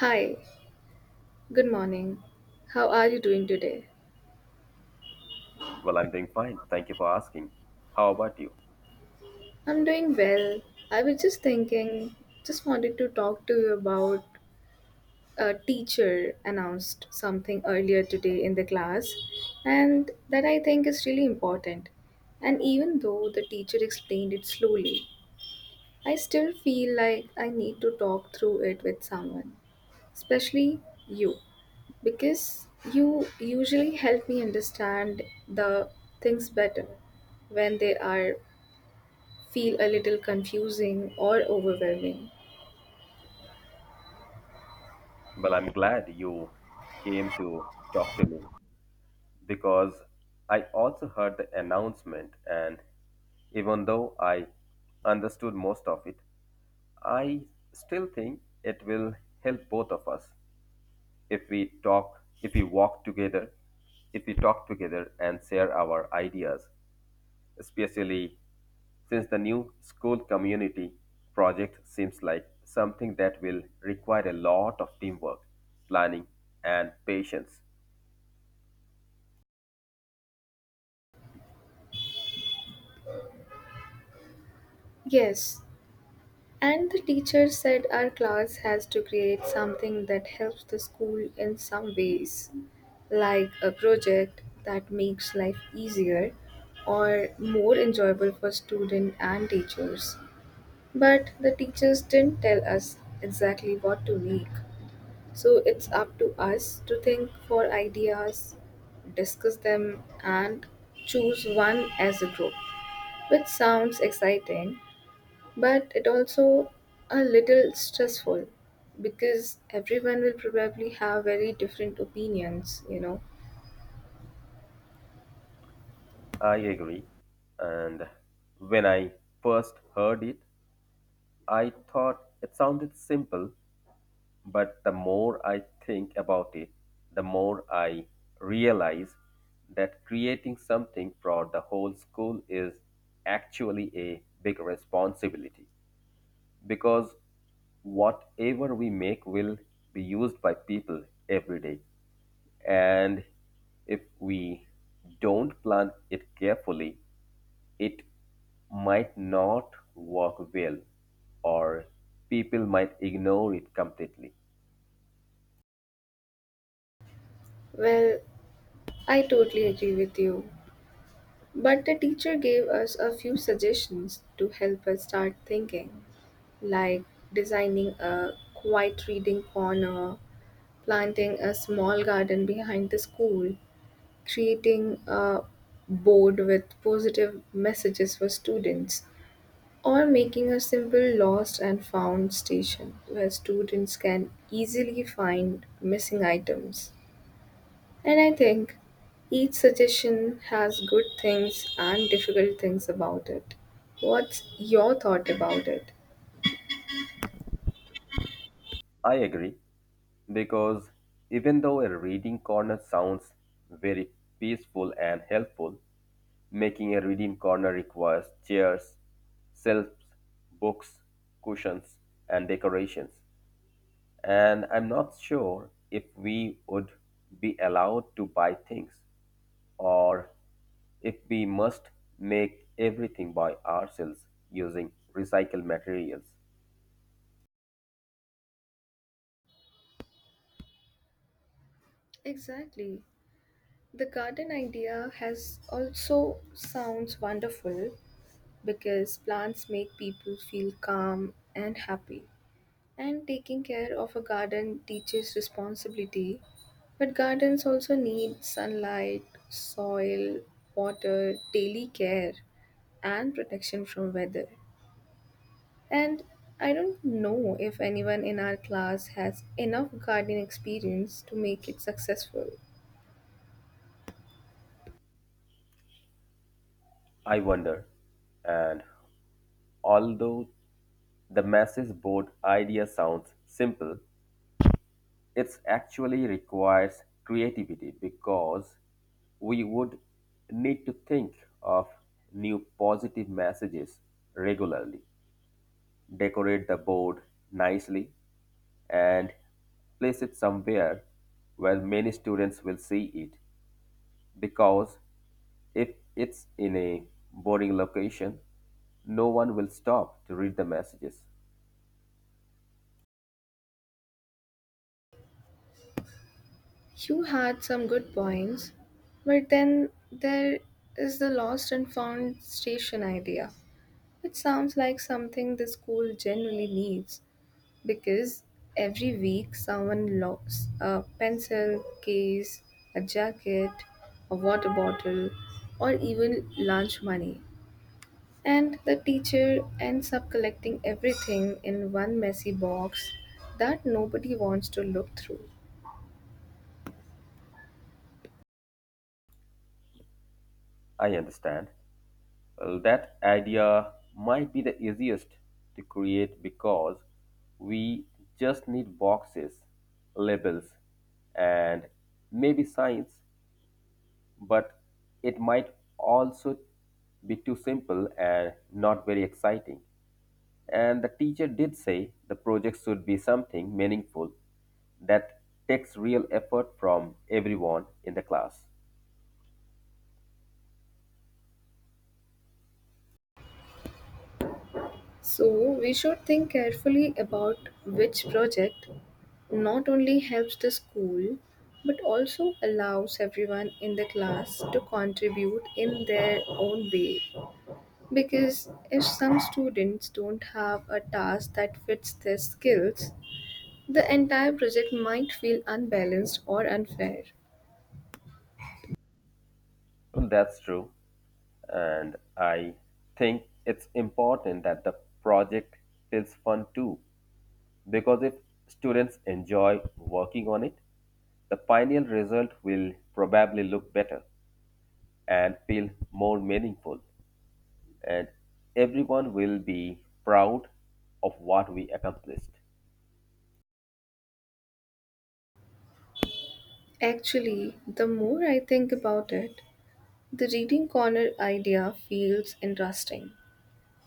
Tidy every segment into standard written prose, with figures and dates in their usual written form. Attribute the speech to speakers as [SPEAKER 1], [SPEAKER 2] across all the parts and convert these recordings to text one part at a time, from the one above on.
[SPEAKER 1] Hi, good morning. How are you doing today?
[SPEAKER 2] Well, I'm doing fine. Thank you for asking. How about you?
[SPEAKER 1] I'm doing well. I was just thinking, just wanted to talk to you about a teacher announced something earlier today in the class, and that I think is really important. And even though the teacher explained it slowly, I still feel like I need to talk through it with someone, especially you, because you usually help me understand the things better when they are feel a little confusing or overwhelming.
[SPEAKER 2] Well, I'm glad you came to talk to me because I also heard the announcement, and even though I understood most of it, I still think it will help both of us if we walk together, if we talk together and share our ideas. Especially since the new school community project seems like something that will require a lot of teamwork, planning, and patience.
[SPEAKER 1] Yes, and the teacher said our class has to create something that helps the school in some ways, like a project that makes life easier or more enjoyable for students and teachers, but the teachers didn't tell us exactly what to make. So it's up to us to think for ideas, discuss them, and choose one as a group, which sounds exciting, but it also a little stressful because everyone will probably have very different opinions.
[SPEAKER 2] I agree. And when I first heard it, I thought it sounded simple, but the more I think about it, the more I realize that creating something for the whole school is actually a big responsibility. Because whatever we make will be used by people every day. And if we don't plan it carefully, it might not work well, or people might ignore it completely.
[SPEAKER 1] Well, I totally agree with you. But the teacher gave us a few suggestions to help us start thinking, like designing a quiet reading corner, planting a small garden behind the school, creating a board with positive messages for students, or making a simple lost and found station where students can easily find missing items. And I think each suggestion has good things and difficult things about it. What's your thought about it?
[SPEAKER 2] I agree because even though a reading corner sounds very peaceful and helpful, making a reading corner requires chairs, shelves, books, cushions, and decorations. And I'm not sure if we would be allowed to buy things or if we must make everything by ourselves using recycled materials.
[SPEAKER 1] Exactly. The garden idea has also sounds wonderful because plants make people feel calm and happy. And taking care of a garden teaches responsibility, but gardens also need sunlight, soil, water, daily care, and protection from weather. And I don't know if anyone in our class has enough gardening experience to make it successful.
[SPEAKER 2] I wonder. And although the message board idea sounds simple. It actually requires creativity because we would need to think of new positive messages regularly, decorate the board nicely, and place it somewhere where many students will see it because if it's in a boring location, no one will stop to read the messages.
[SPEAKER 1] You had some good points, but then there is the lost and found station idea, which sounds like something the school generally needs because every week someone locks a pencil case, a jacket, a water bottle, or even lunch money. And the teacher ends up collecting everything in one messy box that nobody wants to look through.
[SPEAKER 2] I understand. Well, that idea might be the easiest to create because we just need boxes, labels, and maybe signs, but it might also be too simple and not very exciting. And the teacher did say the project should be something meaningful that takes real effort from everyone in the class.
[SPEAKER 1] So, we should think carefully about which project not only helps the school but also allows everyone in the class to contribute in their own way. Because if some students don't have a task that fits their skills, the entire project might feel unbalanced or unfair.
[SPEAKER 2] Mm, that's true. And I think it's important that the project is fun too, because if students enjoy working on it, the final result will probably look better and feel more meaningful, and everyone will be proud of what we accomplished.
[SPEAKER 1] Actually, the more I think about it, the reading corner idea feels interesting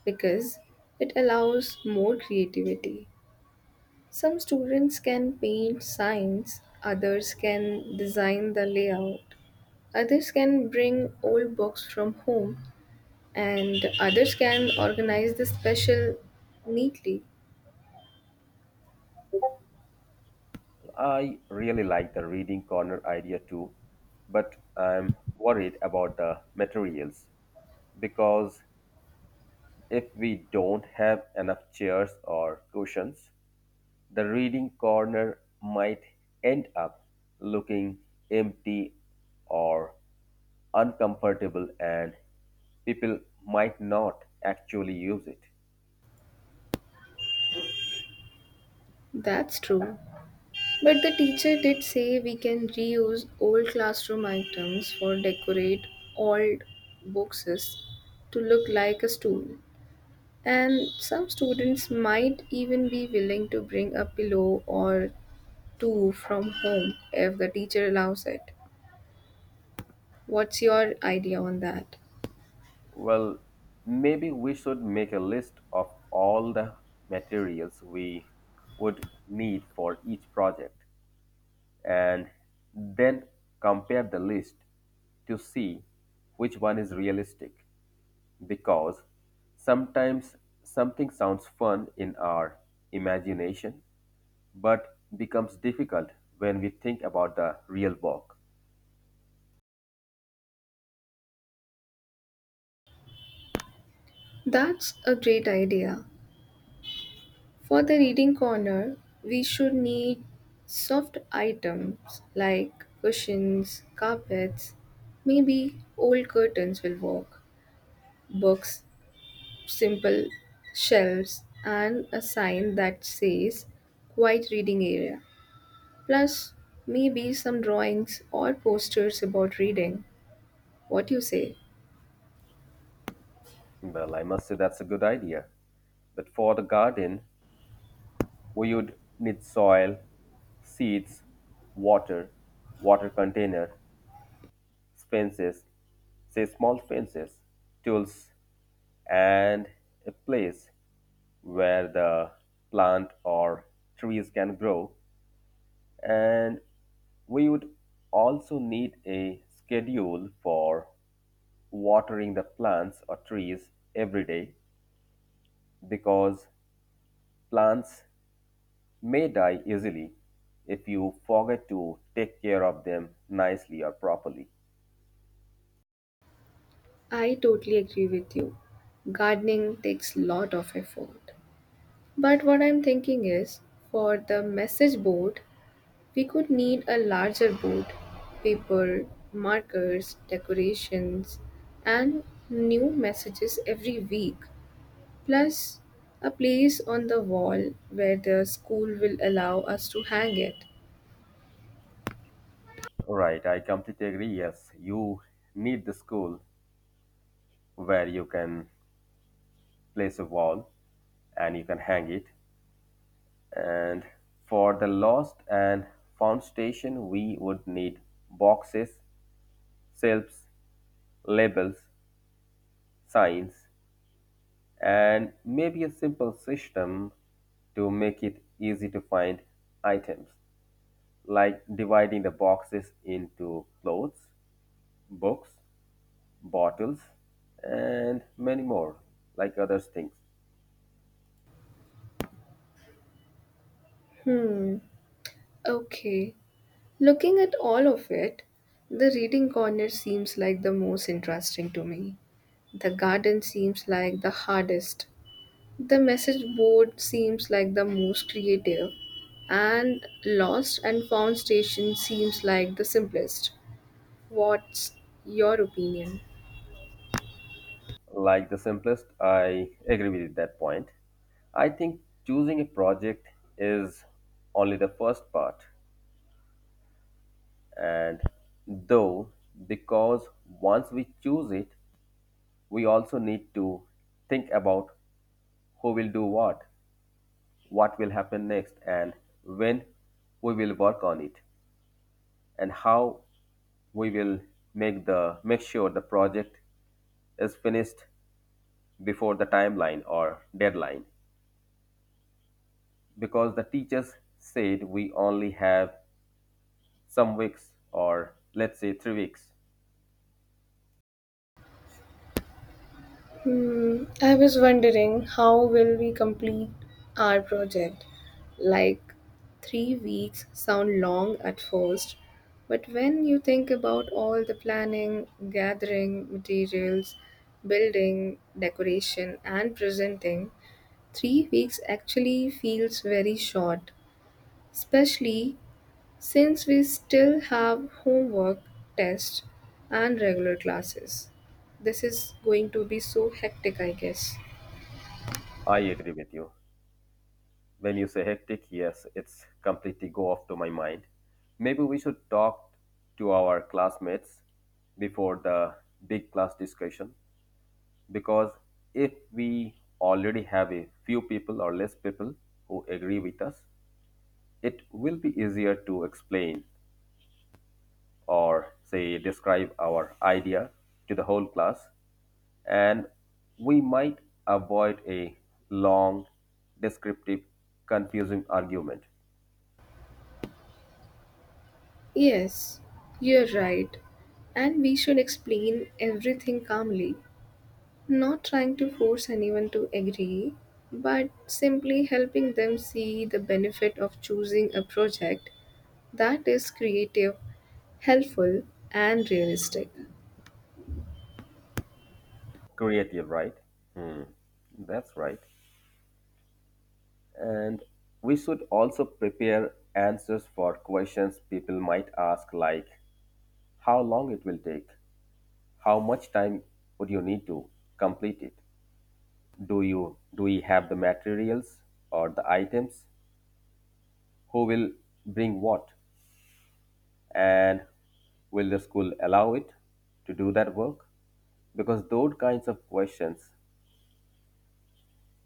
[SPEAKER 1] because it allows more creativity. Some students can paint signs, others can design the layout, others can bring old books from home, and others can organize the special neatly.
[SPEAKER 2] I really like the reading corner idea too, but I'm worried about the materials because if we don't have enough chairs or cushions, the reading corner might end up looking empty or uncomfortable, and people might not actually use it.
[SPEAKER 1] That's true. But the teacher did say we can reuse old classroom items for decorate old boxes to look like a stool. And some students might even be willing to bring a pillow or two from home if the teacher allows it. What's your idea on that?
[SPEAKER 2] Well, maybe we should make a list of all the materials we would need for each project and then compare the list to see which one is realistic because sometimes something sounds fun in our imagination but becomes difficult when we think about the real walk.
[SPEAKER 1] That's a great idea. For the reading corner, we should need soft items like cushions, carpets, maybe old curtains will work, books, simple shelves, and a sign that says quiet reading area. Plus, maybe some drawings or posters about reading. What you say?
[SPEAKER 2] Well, I must say that's a good idea. But for the garden, we would need soil, seeds, water, water container, fences, say small fences, tools, and a place where the plant or trees can grow. And we would also need a schedule for watering the plants or trees every day because plants may die easily if you forget to take care of them nicely or properly.
[SPEAKER 1] I totally agree with you. Gardening takes lot of effort. But what I'm thinking is for the message board, we could need a larger board, paper, markers, decorations, and new messages every week, plus a place on the wall where the school will allow us to hang it.
[SPEAKER 2] Right, I completely agree. Yes, you need the school where you can place a wall and you can hang it. And for the lost and found station, we would need boxes, shelves, labels, signs, and maybe a simple system to make it easy to find items, like dividing the boxes into clothes, books, bottles, and many more, like other things.
[SPEAKER 1] Hmm, okay. Looking at all of it, the reading corner seems like the most interesting to me. The garden seems like the hardest. The message board seems like the most creative, and lost and found station seems like the simplest. What's your opinion?
[SPEAKER 2] Like the simplest, I agree with that point. I think choosing a project is only the first part, and though, because once we choose it, we also need to think about who will do what will happen next, and when we will work on it, and how we will make sure the project is finished before the timeline or deadline because the teachers said we only have some weeks or let's say 3 weeks.
[SPEAKER 1] Hmm, I was wondering how will we complete our project? Like 3 weeks sound long at first, but when you think about all the planning, gathering, materials, building, decoration, and presenting, 3 weeks actually feels very short, especially since we still have homework, tests, and regular classes. This is going to be so hectic, I guess.
[SPEAKER 2] I agree with you. When you say hectic, yes, it's completely go off to my mind. Maybe we should talk to our classmates before the big class discussion because if we already have a few people or less people who agree with us, it will be easier to explain or say describe our idea to the whole class and we might avoid a long descriptive confusing argument.
[SPEAKER 1] Yes, you're right. And we should explain everything calmly. Not trying to force anyone to agree, but simply helping them see the benefit of choosing a project that is creative, helpful, and realistic.
[SPEAKER 2] Creative, right? Hmm, that's right. And we should also prepare answers for questions people might ask, like how long it will take, how much time would you need to complete it, do we have the materials or the items, who will bring what, and will the school allow it to do that work? Because those kinds of questions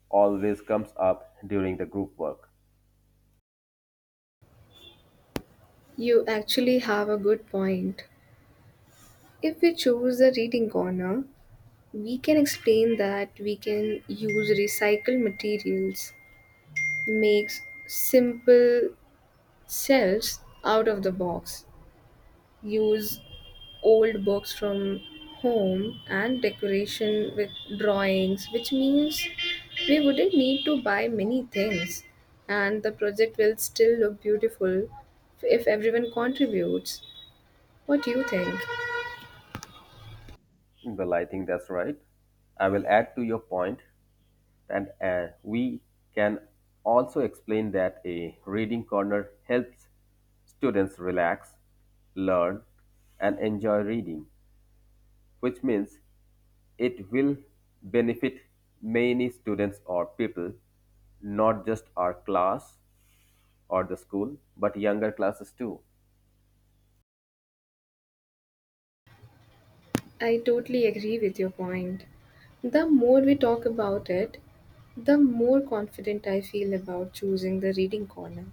[SPEAKER 2] always comes up during the group work.
[SPEAKER 1] You actually have a good point. If we choose the reading corner, we can explain that we can use recycled materials, makes simple shelves out of the box, use old books from home and decoration with drawings, which means we wouldn't need to buy many things, and the project will still look beautiful if everyone contributes. What do you think?
[SPEAKER 2] Well, I think that's right. I will add to your point, and we can also explain that a reading corner helps students relax, learn, and enjoy reading, which means it will benefit many students or people, not just our class or the school, but younger classes too.
[SPEAKER 1] I totally agree with your point. The more we talk about it, the more confident I feel about choosing the reading corner,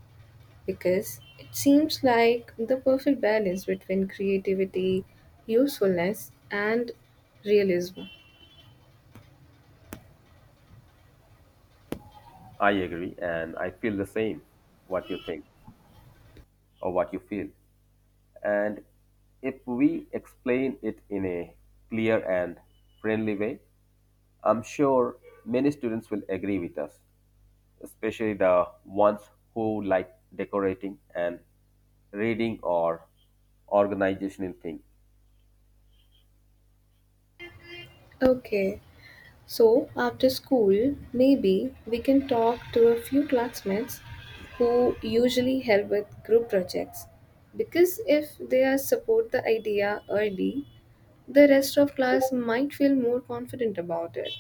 [SPEAKER 1] because it seems like the perfect balance between creativity, usefulness, and realism.
[SPEAKER 2] I agree, and I feel the same what you think or what you feel. And if we explain it in a clear and friendly way, I'm sure many students will agree with us, especially the ones who like decorating and reading or organizational thing.
[SPEAKER 1] Okay, so after school, maybe we can talk to a few classmates who usually help with group projects. Because if they are support the idea early, the rest of class might feel more confident about it.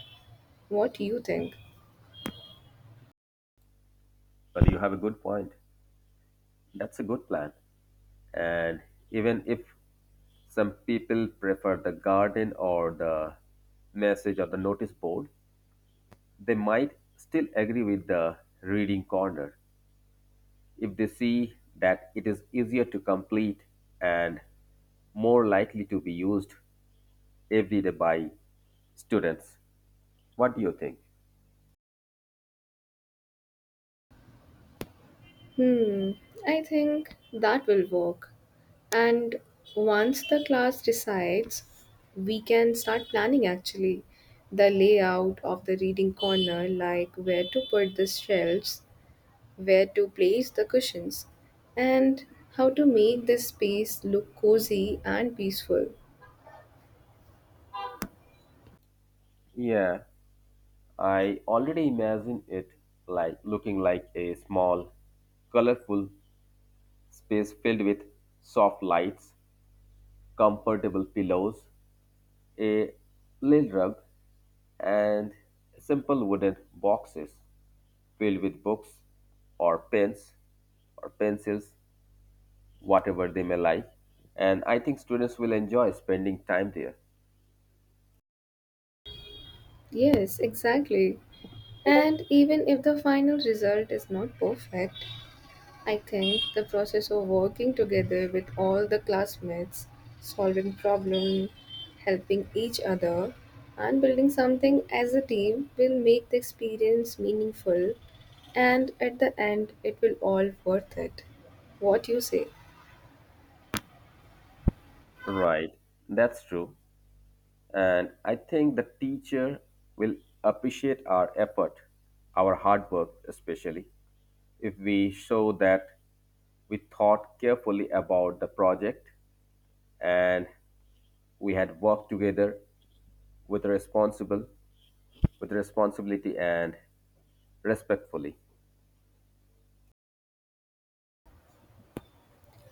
[SPEAKER 1] What do you think?
[SPEAKER 2] Well, you have a good point. That's a good plan. And even if some people prefer the garden or the message or the notice board, they might still agree with the reading corner if they see that it is easier to complete and more likely to be used every day by students. What do you think?
[SPEAKER 1] Hmm, I think that will work. And once the class decides, we can start planning actually the layout of the reading corner, like where to put the shelves, where to place the cushions, and how to make this space look cozy and peaceful.
[SPEAKER 2] Yeah, I already imagine it like looking like a small, colorful space filled with soft lights, comfortable pillows, a little rug, and simple wooden boxes filled with books or pens or pencils, whatever they may like. And I think students will enjoy spending time there.
[SPEAKER 1] Yes, exactly. And even if the final result is not perfect, I think the process of working together with all the classmates, solving problems, helping each other, and building something as a team will make the experience meaningful and at the end it will all worth it. What you say?
[SPEAKER 2] Right, that's true. And I think the teacher will appreciate our effort, our hard work, especially if we show that we thought carefully about the project and we had worked together with responsible with responsibility and respectfully.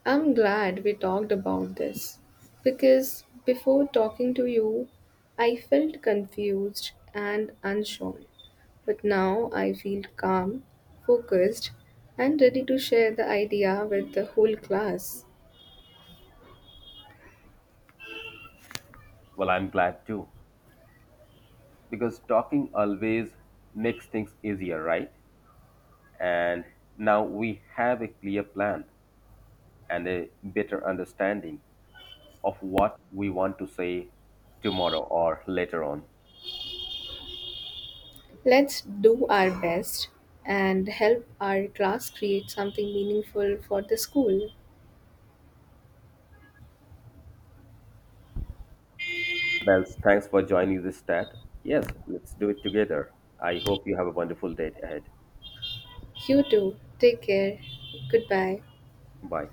[SPEAKER 1] I'm glad we talked about this because before talking to you, I felt confused and unsure. But now I feel calm, focused, and ready to share the idea with the whole class.
[SPEAKER 2] Well, I'm glad too because talking always makes things easier, right? And now we have a clear plan and a better understanding of what we want to say tomorrow or later on.
[SPEAKER 1] Let's do our best and help our class create something meaningful for the school.
[SPEAKER 2] Well, thanks for joining this chat. Yes, let's do it together. I hope you have a wonderful day ahead.
[SPEAKER 1] You too. Take care. Goodbye.
[SPEAKER 2] Bye.